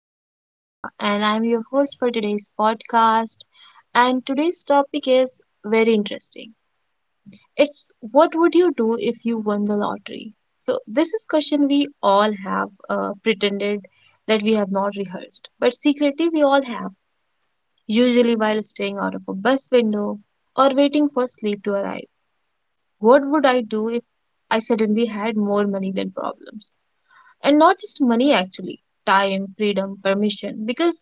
I am Shifa and I'm your host for today's podcast. And today's topic is very interesting. It's what would you do if you won the lottery? So, this is question we all have pretended that we have not rehearsed, but secretly we all have, usually while staying out of a bus window or waiting for sleep to arrive. What would I do if I suddenly had more money than problems? And not just money, actually, time, freedom, permission, because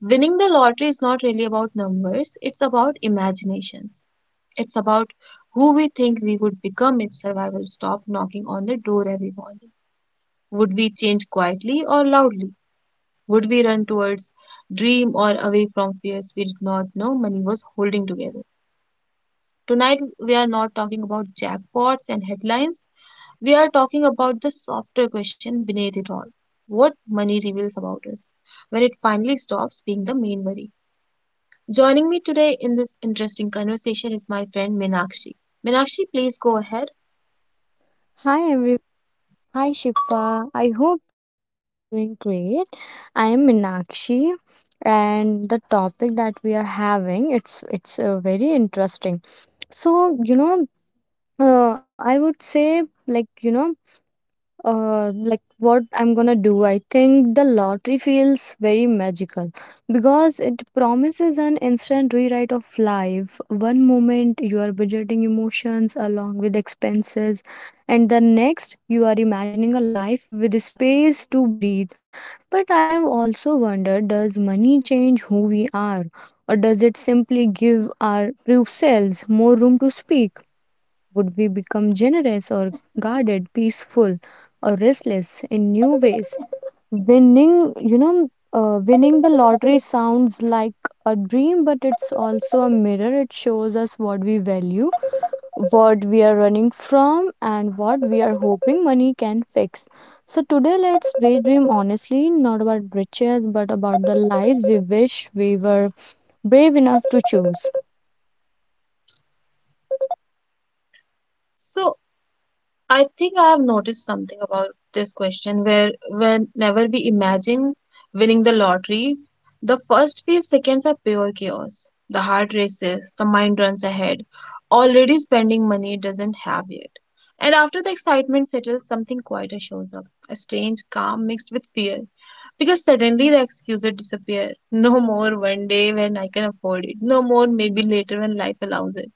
winning the lottery is not really about numbers, it's about imaginations. It's about who we think we would become if survival stopped knocking on the door every morning. Would we change quietly or loudly? Would we run towards dream or away from fears we did not know money was holding together? Tonight, we are not talking about jackpots and headlines. We are talking about the softer question beneath it all, what money reveals about us when it finally stops being the main worry. Joining me today in this interesting conversation is my friend Meenakshi. Meenakshi, please go ahead. Hi everyone. Hi Shifa. I hope you're doing great. I am Minakshi, and the topic that we are having it's very interesting. So, you know, I would say like what I'm gonna do. I think the lottery feels very magical because it promises an instant rewrite of life. One moment you are budgeting emotions along with expenses, and the next you are imagining a life with space to breathe. But I have also wondered, does money change who we are, or does it simply give our true selves more room to speak? Would we become generous or guarded, peaceful or restless in new ways? Winning the lottery sounds like a dream, but it's also a mirror. It shows us what we value, what we are running from, and what we are hoping money can fix. So, today let's daydream honestly, not about riches, but about the lives we wish we were brave enough to choose. So, I think I have noticed something about this question where whenever we imagine winning the lottery, the first few seconds are pure chaos. The heart races, the mind runs ahead. Already spending money it doesn't have yet. And after the excitement settles, something quieter shows up. A strange calm mixed with fear. Because suddenly the excuses disappear. No more one day when I can afford it. No more maybe later when life allows it.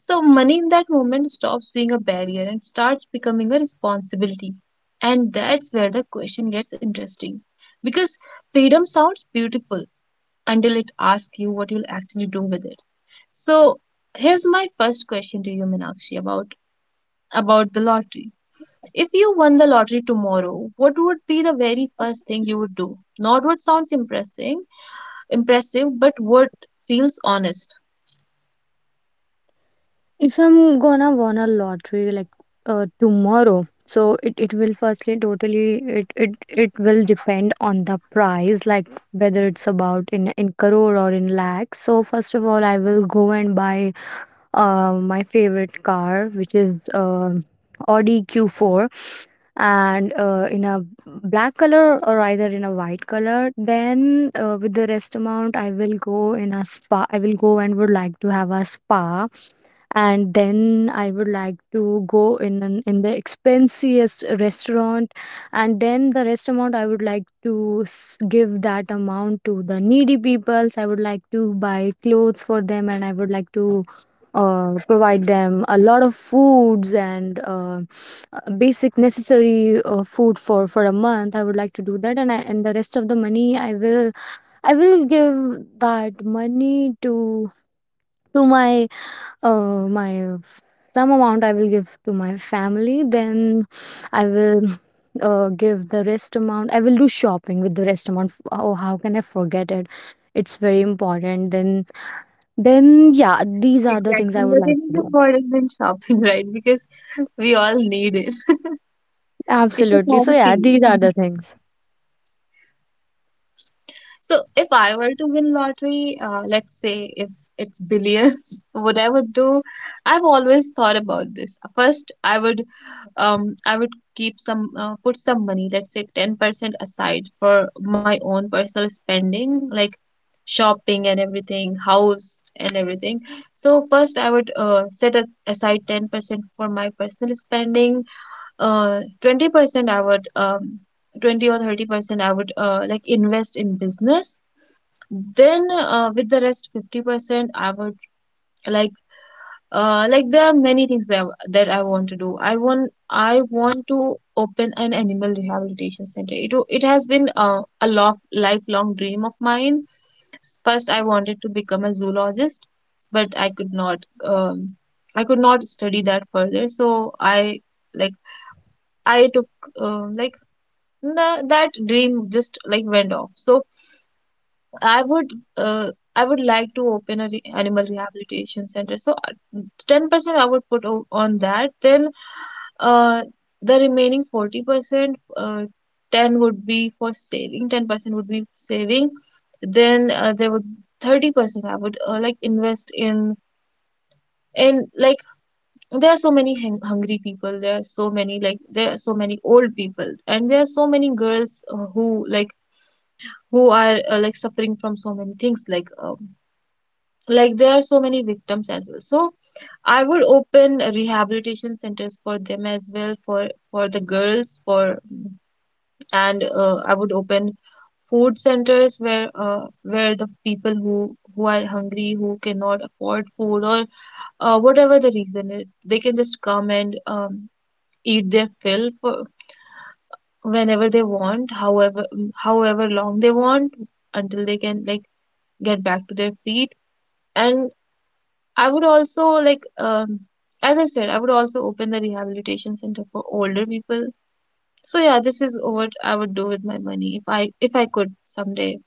So, money in that moment stops being a barrier and starts becoming a responsibility. And that's where the question gets interesting. Because freedom sounds beautiful until it asks you what you'll actually do with it. So, here's my first question to you, Minakshi, about the lottery. If you won the lottery tomorrow, what would be the very first thing you would do? Not what sounds impressive, but what feels honest. If I'm gonna won a lottery like tomorrow, so it will firstly totally it will depend on the price, like whether it's about in crore or in lakhs. So first of all, I will go and buy my favorite car, which is Audi Q4, and in a black color or either in a white color. Then with the rest amount, I will go in a spa. I will go and would like to have a spa, and then I would like to go in an, in the expensiest restaurant, and then the rest amount I would like to give that amount to the needy peoples. I would like to buy clothes for them, and I would like to provide them a lot of foods and basic necessary food for a month. I would like to do that. And the rest of the money I will give that money to my my, some amount I will give to my family. Then I will give the rest amount. I will do shopping with the rest amount. Oh, how can I forget it? It's very important. Then yeah, these are the things Exactly. I would like Nothing is to do. important than shopping, right? Because we all need it. It's a Absolutely. So yeah, therapy. these are the things. So if I were to win lottery, let's say if it's billions, what I would do, I've always thought about this. First, I would keep some, put some money, let's say 10% aside for my own personal spending, like shopping and everything, house and everything. So first, I would aside 10% for my personal spending. 20% I would, 20 or 30% I would, like invest in business. Then with the rest 50%, I would, like like there are many things that I want to do. I want to open an animal rehabilitation center. It has been a lof lifelong dream of mine. First, I wanted to become a zoologist, but I could not study that further. So I, like, I took, like, the, that dream just like went off. So I would I would like to open a animal rehabilitation center. So 10% I would put on that. Then uh, the remaining 40%, ten would be for saving. 10% would be saving. Then there would 30% I would, like, invest in like there are so many hungry people. There are so many, like, there are so many old people, and there are so many girls who, like, who are like suffering from so many things like. Like there are so many victims as well. So I would open rehabilitation centers for them as well, for the girls, for and I would open food centers where, where the people who are hungry, who cannot afford food, or whatever the reason is, they can just come and eat their fill for whenever they want, however long they want, until they can like get back to their feet. And I would also as I said, I would also open the rehabilitation center for older people. So yeah, this is what I would do with my money if I could someday.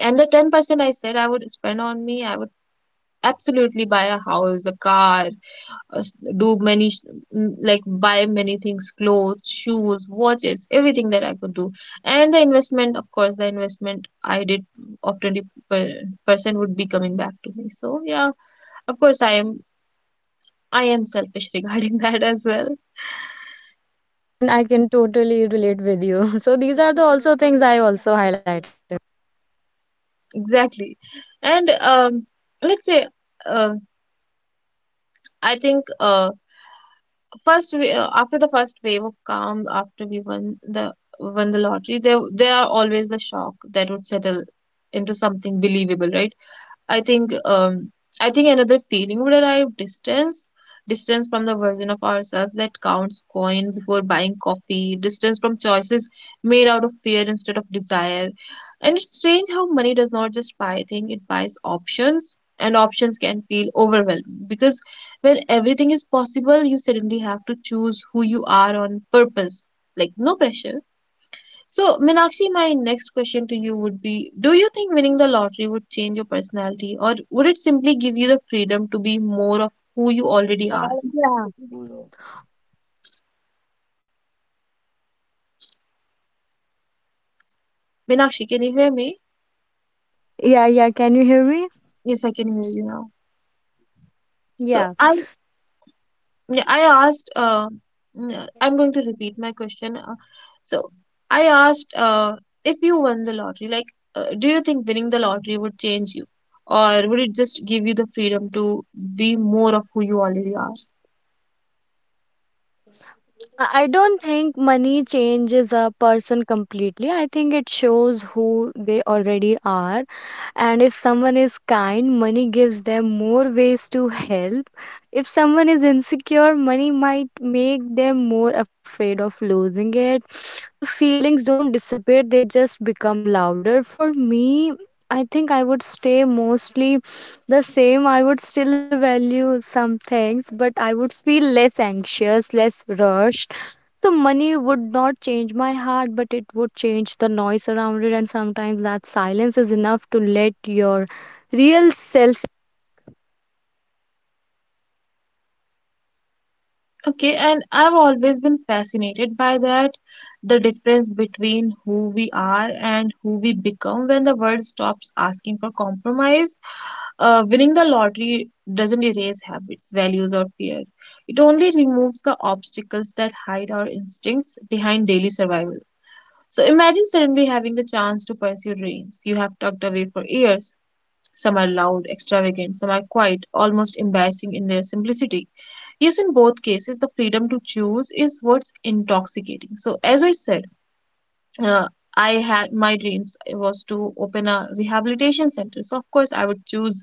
And the 10% I said I would spend on me, I would absolutely buy a house, a car, s- do many sh- m- like buy many things, clothes, shoes, watches, everything that I could do. And the investment, of course, the investment I did of 20% would be coming back to me. So yeah, of course, I am selfish regarding that as well. Yeah, I can totally relate with you. So these are the also things I also highlighted. Exactly. And, let's say, uh, I think, first we, after the first wave of calm, after we won the lottery, there are always the shock that would settle into something believable, right? I think um, I think another feeling would arrive, distance. Distance from the version of ourselves that counts coin before buying coffee, distance from choices made out of fear instead of desire. And it's strange how money does not just buy things, it buys options, and options can feel overwhelming because when everything is possible, you suddenly have to choose who you are on purpose. Like, no pressure. So, Meenakshi, my next question to you would be, do you think winning the lottery would change your personality, or would it simply give you the freedom to be more of who you already are? लगाओ। Yeah. Meenakshi, can you hear me? Yeah, yeah. Can you hear me? Yes, I can hear you now. So, Yeah. I, yeah, I asked, yeah, I'm going to repeat my question. So, I asked, if you won the lottery, like, do you think winning the lottery would change you, or would it just give you the freedom to be more of who you already are? I don't think money changes a person completely. I think it shows who they already are. And if someone is kind, money gives them more ways to help. If someone is insecure, money might make them more afraid of losing it. The feelings don't disappear, they just become louder. For me, I think I would stay mostly the same. I would still value some things, but I would feel less anxious, less rushed. The money would not change my heart, but it would change the noise around it, and sometimes that silence is enough to let your real self. Okay, and I've always been fascinated by that, the difference between who we are and who we become when the world stops asking for compromise. Winning the lottery doesn't erase habits, values, or fear. It only removes the obstacles that hide our instincts behind daily survival. So imagine suddenly having the chance to pursue dreams you have tucked away for years. Some are loud, extravagant, some are quiet, almost embarrassing in their simplicity. Yes, in both cases, the freedom to choose is what's intoxicating. So, as I said, uh, I had my dreams was to open a rehabilitation center. So, of course, I would choose,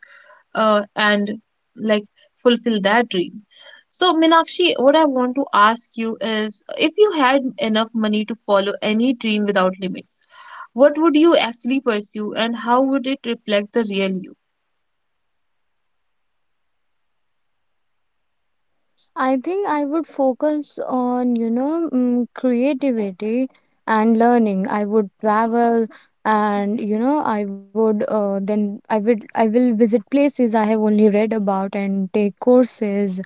and like fulfill that dream. So, Minakshi, what I want to ask you is if you had enough money to follow any dream without limits, what would you actually pursue and how would it reflect the real you? I think I would focus on creativity and learning. I would travel, and you know I would then I would I will visit places I have only read about and take courses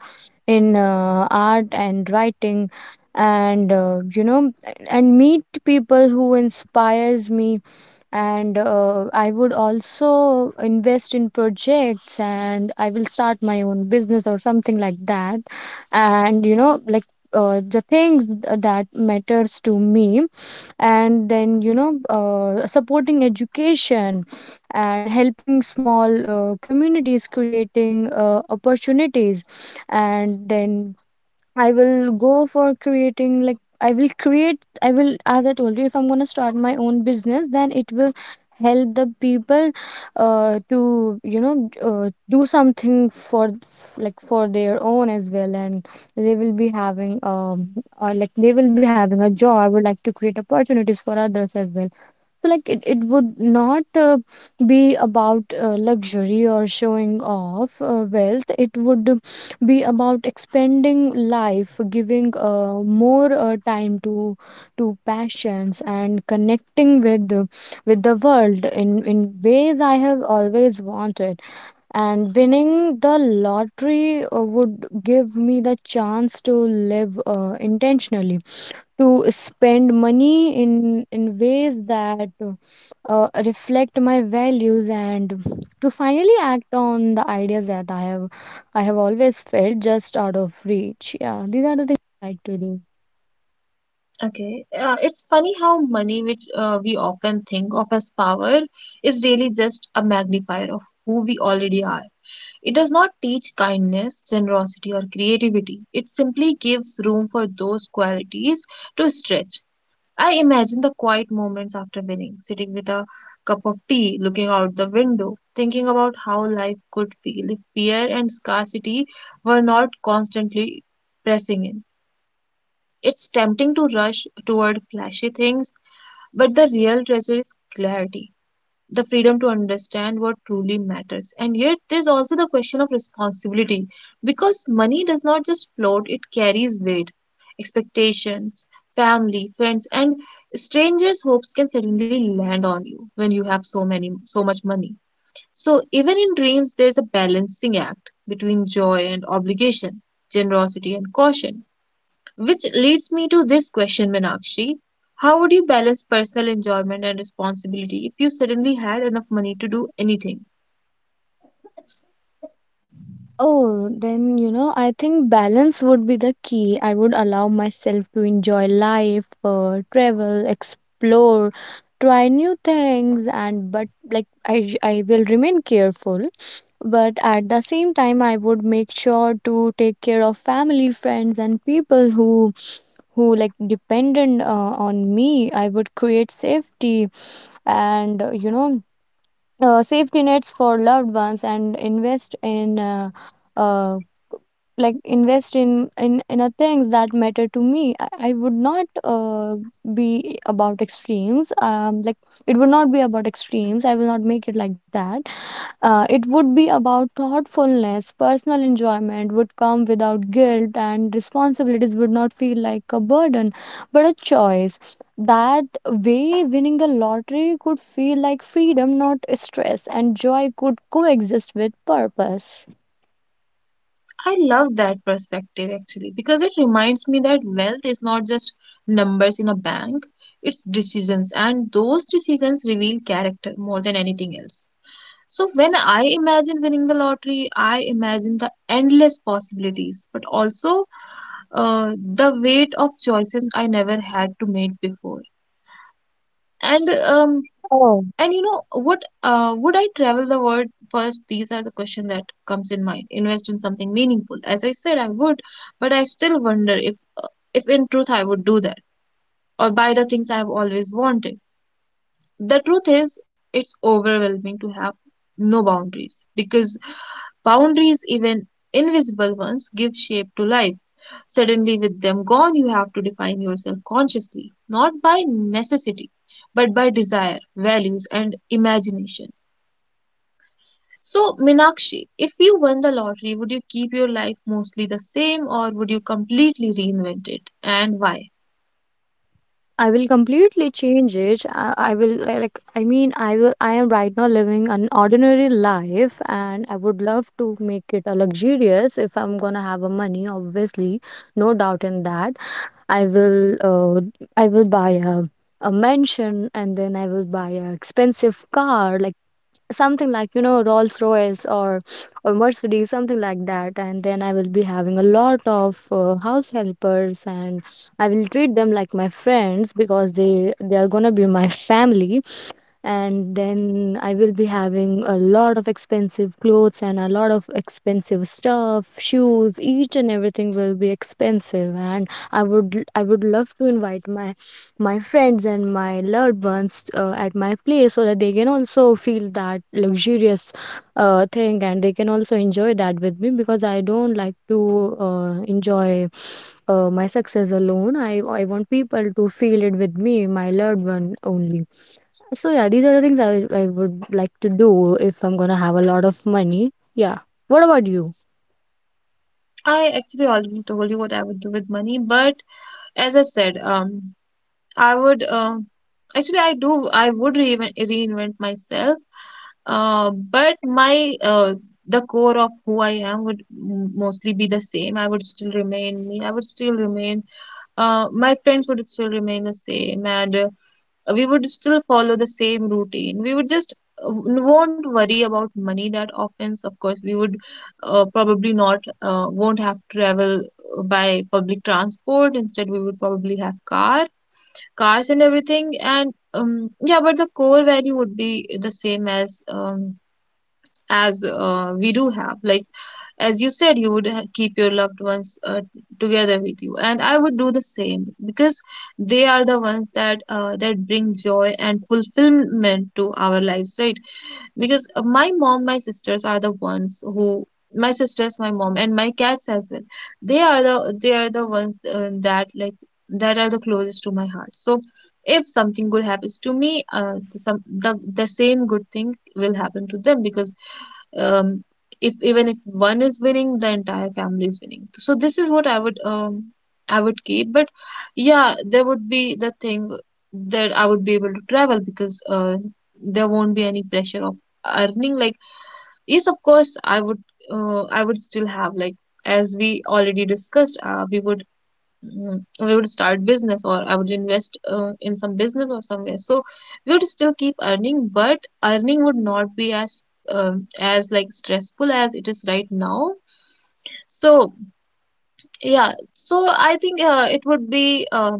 in art and writing, and you know and meet people who inspires me, and I would also invest in projects, and I will start my own business or something like that. And you know like The things that matters to me, and then you know supporting education and helping small communities, creating opportunities. And then I will go for creating, like I will create, I will, as I told you, if I'm gonna start my own business, then it will help the people to do something for like for their own as well, and they will be having like they will be having a job. I would like to create opportunities for others as well. So like it would not be about luxury or showing off wealth. It would be about expanding life, giving more time to passions, and connecting with the world in ways I have always wanted. And winning the lottery would give me the chance to live intentionally, to spend money in ways that reflect my values, and to finally act on the ideas that I have always felt just out of reach. Yeah, these are the things I like to do. Okay, it's funny how money, which we often think of as power, is really just a magnifier of who we already are. It does not teach kindness, generosity, or creativity. It simply gives room for those qualities to stretch. I imagine the quiet moments after winning, sitting with a cup of tea, looking out the window, thinking about how life could feel if fear and scarcity were not constantly pressing in. It's tempting to rush toward flashy things, but the real treasure is clarity, the freedom to understand what truly matters. And yet, there's also the question of responsibility because money does not just float, it carries weight. Expectations, family, friends, and strangers' hopes can suddenly land on you when you have so much money. So even in dreams there's a balancing act between joy and obligation, generosity and caution. Which leads me to this question, Meenakshi. How would you balance personal enjoyment and responsibility if you suddenly had enough money to do anything? Oh, then, you know, I think balance would be the key. I would allow myself to enjoy life, travel, explore, try new things, and but like I will remain careful. But at the same time, I would make sure to take care of family, friends, and people who like dependent on me. I would create safety, and safety nets for loved ones, and invest in uh, invest in a things that matter to me. I would not be about extremes. It would not be about extremes. I will not make it like that. It would be about thoughtfulness. Personal enjoyment would come without guilt, and responsibilities would not feel like a burden, but a choice. That way, winning the lottery could feel like freedom, not stress, and joy could coexist with purpose. I love that perspective actually because it reminds me that wealth is not just numbers in a bank, it's decisions, and those decisions reveal character more than anything else. So when I imagine winning the lottery, I imagine the endless possibilities, but also the weight of choices I never had to make before. And um Oh. and you know what, would I travel the world first? These are the question that comes in mind. Invest in something meaningful. As I said, I would, but I still wonder if in truth I would do that or buy the things I have always wanted. The truth is it's overwhelming to have no boundaries because boundaries, even invisible ones, give shape to life. Suddenly with them gone you have to define yourself consciously, not by necessity, but by desire, values, and imagination. So, Minakshi, if you won the lottery, would you keep your life mostly the same or would you completely reinvent it, and why? I will completely change it. I will I mean I will, I am right now living an ordinary life, and I would love to make it a luxurious if I'm gonna have a money, obviously. No doubt in that. I will uh, I will buy a mansion, and then I will buy a expensive car, like something like, you know, Rolls Royce or Mercedes, something like that. And then I will be having a lot of house helpers, and I will treat them like my friends because they are going to be my family. And then I will be having a lot of expensive clothes and a lot of expensive stuff, shoes, each and everything will be expensive, and I would love to invite my my friends and my loved ones at my place, so that they can also feel that luxurious thing, and they can also enjoy that with me, because I don't like to enjoy my success alone. I want people to feel it with me, my loved one only. So yeah, these are the things I would like to do if I'm gonna have a lot of money. Yeah. What about you? I actually already told you what I would do with money, but as I said, I would, actually, I would reinvent myself, but my the core of who I am would mostly be the same. I would still remain me. I would still remain. My friends would still remain the same, and we would still follow the same routine. We would just won't worry about money that often. Of course, we would probably not won't have to travel by public transport. Instead, we would probably have cars and everything, and yeah, but the core value would be the same as we do have, like, as you said, you would keep your loved ones together with you, and I would do the same, because they are the ones that that bring joy and fulfillment to our lives, right? Because my mom, my sisters are the ones who, my sisters, my mom, and my cats as well, they are the ones that, like, that are the closest to my heart. So if something good happens to me, the same good thing will happen to them, because um, if, even if one is winning, the entire family is winning. So this is what I would, I would keep. But yeah, there would be the thing that I would be able to travel, because there won't be any pressure of earning, like, yes, of course I would, I would still have, like, as we already discussed, we would, we would start business, or I would invest in some business or somewhere. So we would still keep earning, but earning would not be as as, like, stressful as it is right now. So, yeah. So I think it would be,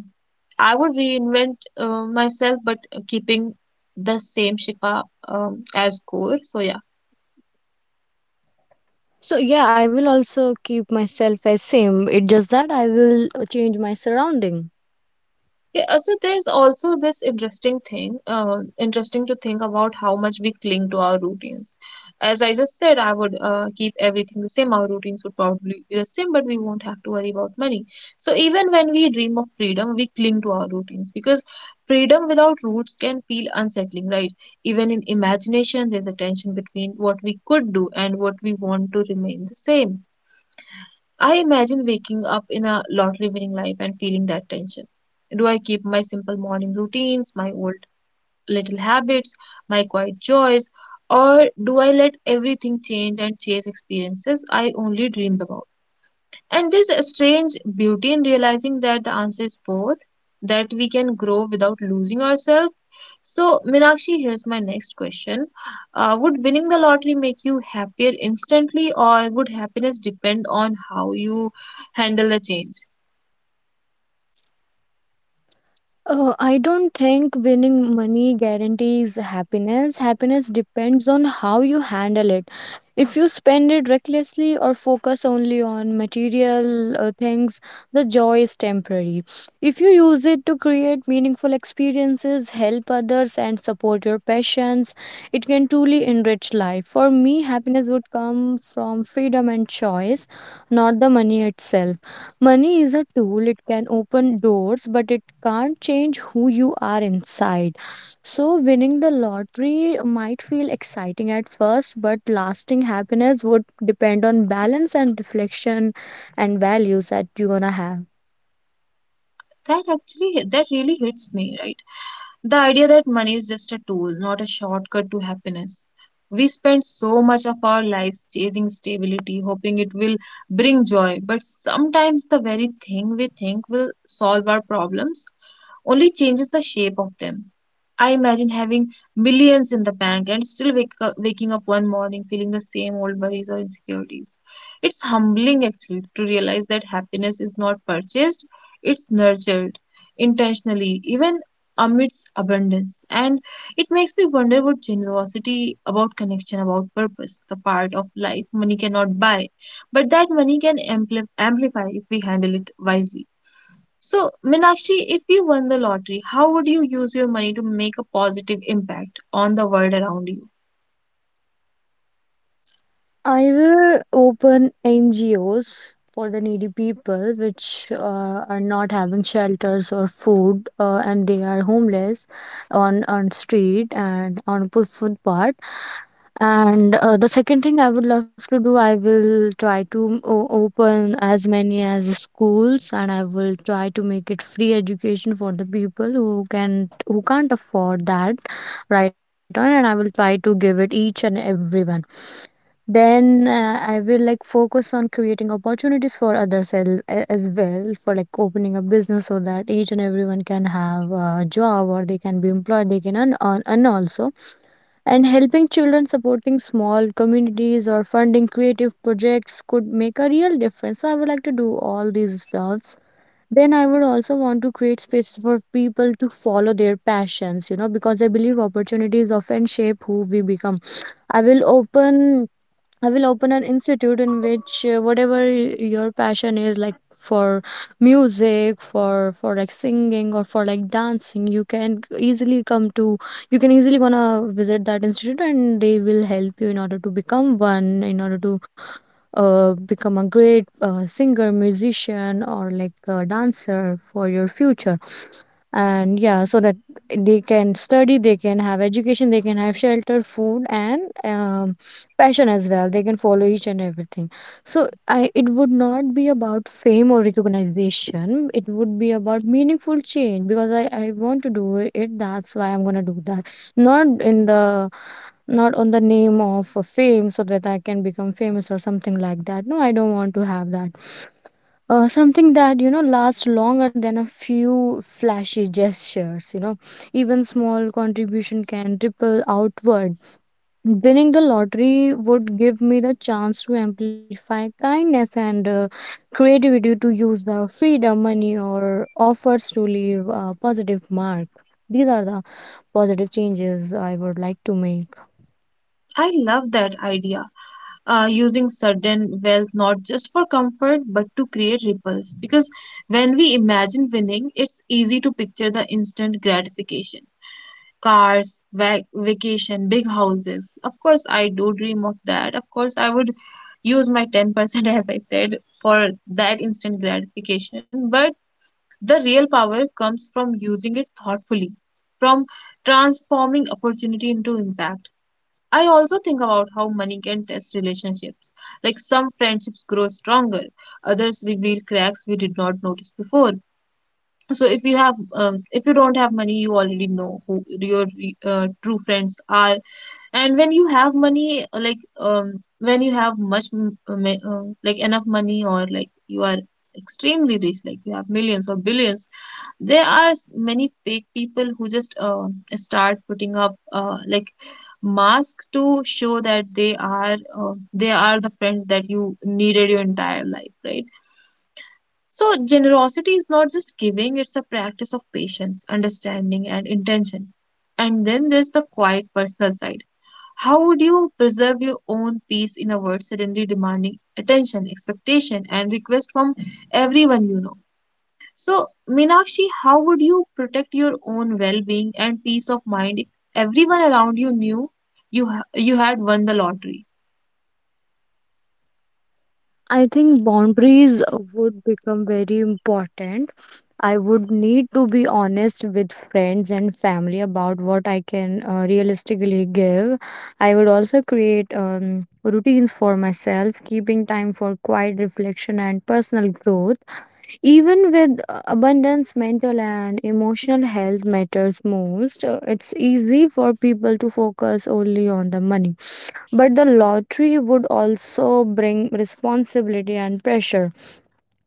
I would reinvent myself, but keeping the same shipa, as core. So yeah. So yeah, I will also keep myself as same. It's just that I will change my surrounding. Yeah, so there's also this interesting thing, interesting to think about how much we cling to our routines. As I just said, I would keep everything the same. Our routines would probably be the same, but we won't have to worry about money. So even when we dream of freedom, we cling to our routines, because freedom without roots can feel unsettling, right? Even in imagination, there's a tension between what we could do and what we want to remain the same. I imagine waking up in a lottery winning life and feeling that tension. Do I keep my simple morning routines, my old little habits, my quiet joys, or do I let everything change and chase experiences I only dreamed about? And there's a strange beauty in realizing that the answer is both, that we can grow without losing ourselves. So, Minakshi, here's my next question. Would winning the lottery make you happier instantly, or would happiness depend on how you handle the change? I don't think winning money guarantees happiness. Happiness depends on how you handle it. If you spend it recklessly or focus only on material things, the joy is temporary. If you use it to create meaningful experiences, help others, and support your passions, it can truly enrich life. For me, happiness would come from freedom and choice, not the money itself. Money is a tool. It can open doors, but it can't change who you are inside. So, winning the lottery might feel exciting at first, but lasting happiness would depend on balance and reflection and values that you're gonna have. That actually, that really hits me, right? The idea that money is just a tool, not a shortcut to happiness. We spend so much of our lives chasing stability, hoping it will bring joy, but sometimes the very thing we think will solve our problems only changes the shape of them. I imagine having millions in the bank and still wake up, waking up one morning feeling the same old worries or insecurities. It's humbling actually to realize that happiness is not purchased, it's nurtured intentionally, even amidst abundance. And it makes me wonder what generosity about connection, about purpose, the part of life money cannot buy, but that money can amplify if we handle it wisely. So, Meenakshi, if you won the lottery, how would you use your money to make a positive impact on the world around you? I will open NGOs for the needy people, which are not having shelters or food, and they are homeless on street and on footpath. And the second thing I would love to do, I will try to open as many as schools, and I will try to make it free education for the people who can who can't afford that right on. And I will try to give it each and everyone. Then I will like focus on creating opportunities for others as well, for like opening a business, so that each and everyone can have a job, or they can be employed, they can earn also, and helping children, supporting small communities, or funding creative projects could make a real difference. So I would like to do all these stuffs. Then I would also want to create spaces for people to follow their passions, you know, because I believe opportunities often shape who we become. I will open I will open an institute in which whatever your passion is, like for music, for like singing or for like dancing, you can easily come to. You can easily gonna visit that institute, and they will help you in order to become one, in order to become a great singer, musician, or like a dancer for your future. And yeah, so that they can study, they can have education, they can have shelter, food and passion as well, they can follow each and everything. So I, it would not be about fame or recognition. It would be about meaningful change, because I want to do it, that's why I'm gonna do that, not in the not on the name of fame, so that I can become famous or something like that. No, I don't want to have that, something that, you know, lasts longer than a few flashy gestures, you know. Even small contribution can ripple outward. Winning the lottery would give me the chance to amplify kindness and creativity, to use the freedom money or offers to leave a positive mark. These are the positive changes I would like to make. I love that idea. Using sudden wealth not just for comfort but to create ripples. Because when we imagine winning, it's easy to picture the instant gratification, cars, vacation, big houses. Of course, I do dream of that. Of course, I would use my 10%, as I said, for that instant gratification. But the real power comes from using it thoughtfully, from transforming opportunity into impact. I also think about how money can test relationships. Like, some friendships grow stronger, others reveal cracks we did not notice before. So if you have, if you don't have money, you already know who your true friends are. And when you have money, like, when you have much, like enough money, or like you are extremely rich, like you have millions or billions, there are many fake people who just start putting up like masks to show that they are, they are the friends that you needed your entire life, right? So generosity is not just giving, it's a practice of patience, understanding, and intention. And then there's the quiet personal side. How would you preserve your own peace in a world suddenly demanding attention, expectation, and request from everyone, you know? So, Meenakshi, how would you protect your own well-being and peace of mind if everyone around you knew you you had won the lottery? I think boundaries would become very important. I would need to be honest with friends and family about what I can realistically give. I would also create routines for myself, keeping time for quiet reflection and personal growth. Even with abundance, mental and emotional health matters most. It's easy for people to focus only on the money, but the lottery would also bring responsibility and pressure.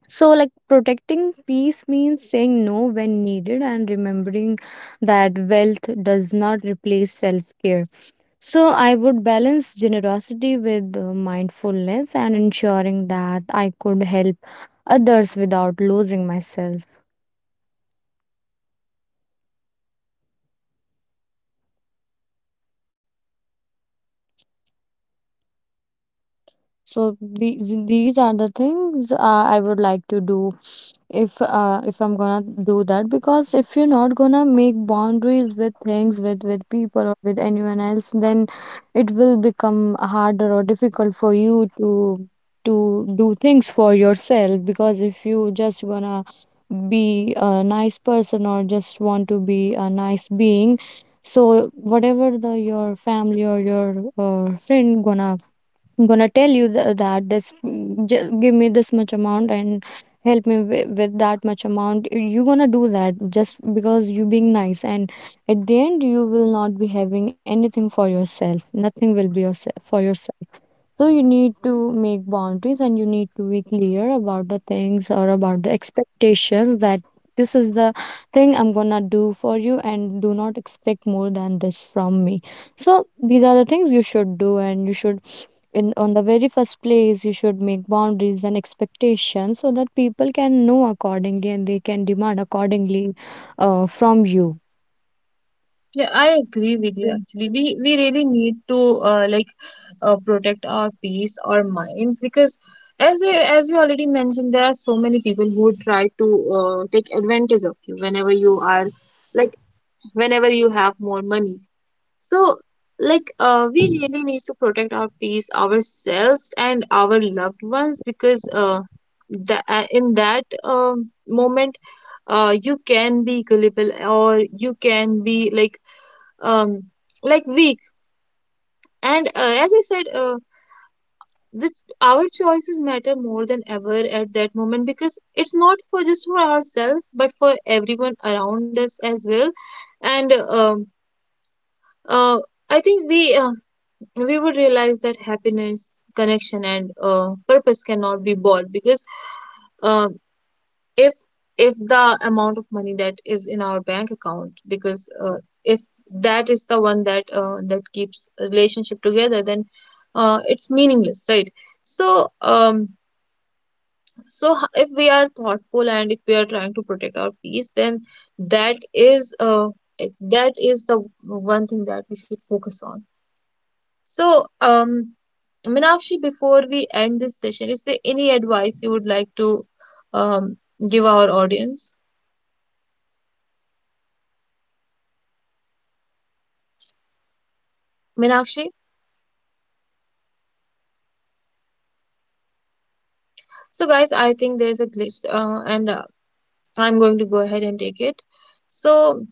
So, like protecting peace means saying no when needed, and remembering that wealth does not replace self care. So, I would balance generosity with mindfulness, and ensuring that I could help others without losing myself. So these are the things I would like to do if I'm gonna do that, because if you're not gonna make boundaries with things with people or with anyone else, then it will become harder or difficult for you to do things for yourself. Because if you just wanna be a nice person or just want to be a nice being, so whatever the your family or your friend gonna, I'm gonna tell you that this, just give me this much amount and help me with that much amount, you're gonna do that just because you being nice, and at the end you will not be having anything for yourself, nothing will be yourself for yourself. So you need to make boundaries, and you need to be clear about the things or about the expectations, that this is the thing I'm gonna do for you and do not expect more than this from me. So these are the things you should do, and you should, in on the very first place, you should make boundaries and expectations, so that people can know accordingly, and they can demand accordingly from you. Yeah, I agree with you Yeah. actually. We really need to like, protect our peace, our minds, because as I, as you already mentioned, there are so many people who try to take advantage of you whenever you are, like, whenever you have more money. So, like, we really need to protect our peace, ourselves, and our loved ones, because the, in that moment, you can be gullible, or you can be um like weak. And as I said, this, our choices matter more than ever at that moment, because it's not for just for ourselves but for everyone around us as well. And uh, I think we, we would realize that happiness, connection, and purpose cannot be bought, because uh, if if the amount of money that is in our bank account, because if that is the one that that keeps a relationship together, then it's meaningless, right? So, so if we are thoughtful and if we are trying to protect our peace, then that is that is the one thing that we should focus on. So, Meenakshi, before we end this session, is there any advice you would like to um, give our audience? No, because about this topic there is Meenakshi? no such thing. No. uh, So, guys, am I I think audible? there's a glitch, and I'm going to go ahead and take it. So,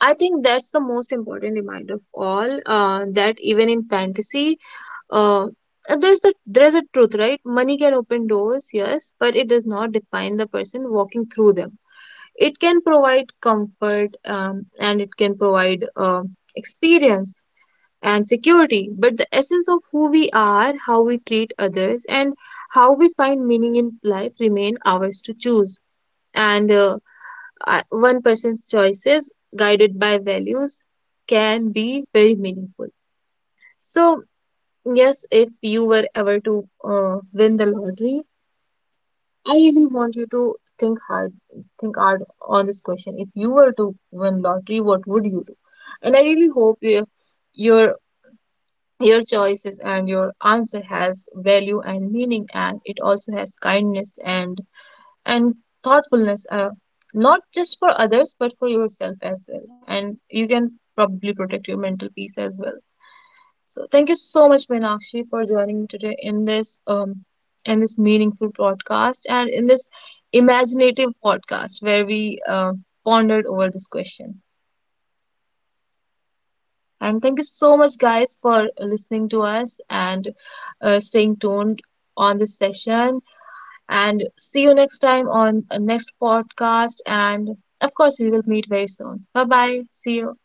I think that's the most important reminder of all, that even in fantasy, uh, Absolutely. There's a truth, right? Money can open doors, Yeah, yes, but it does not define the person walking through them. It absolutely. can provide comfort, and it can provide Yes. experience and security, but the essence of who we are, how we treat others, and how we find meaning in life remain ours to choose. And one person's choices, guided by values, can be very meaningful. So, yes, if you were ever to win the lottery, I really want you to think hard on this question. If you were to win lottery, what would you do? And I really hope you, your your choices and your answer has value and meaning, and it also has kindness and thoughtfulness, not just for others but for yourself as well, and you can probably protect your mental peace as well. So thank you so much, Meenakshi, for joining me today in this meaningful podcast, and in this imaginative podcast where we pondered over this question. And thank you so much, guys, for listening to us and staying tuned on this session. And see you next time on next podcast. And of course, we will meet very soon. Bye bye. See you.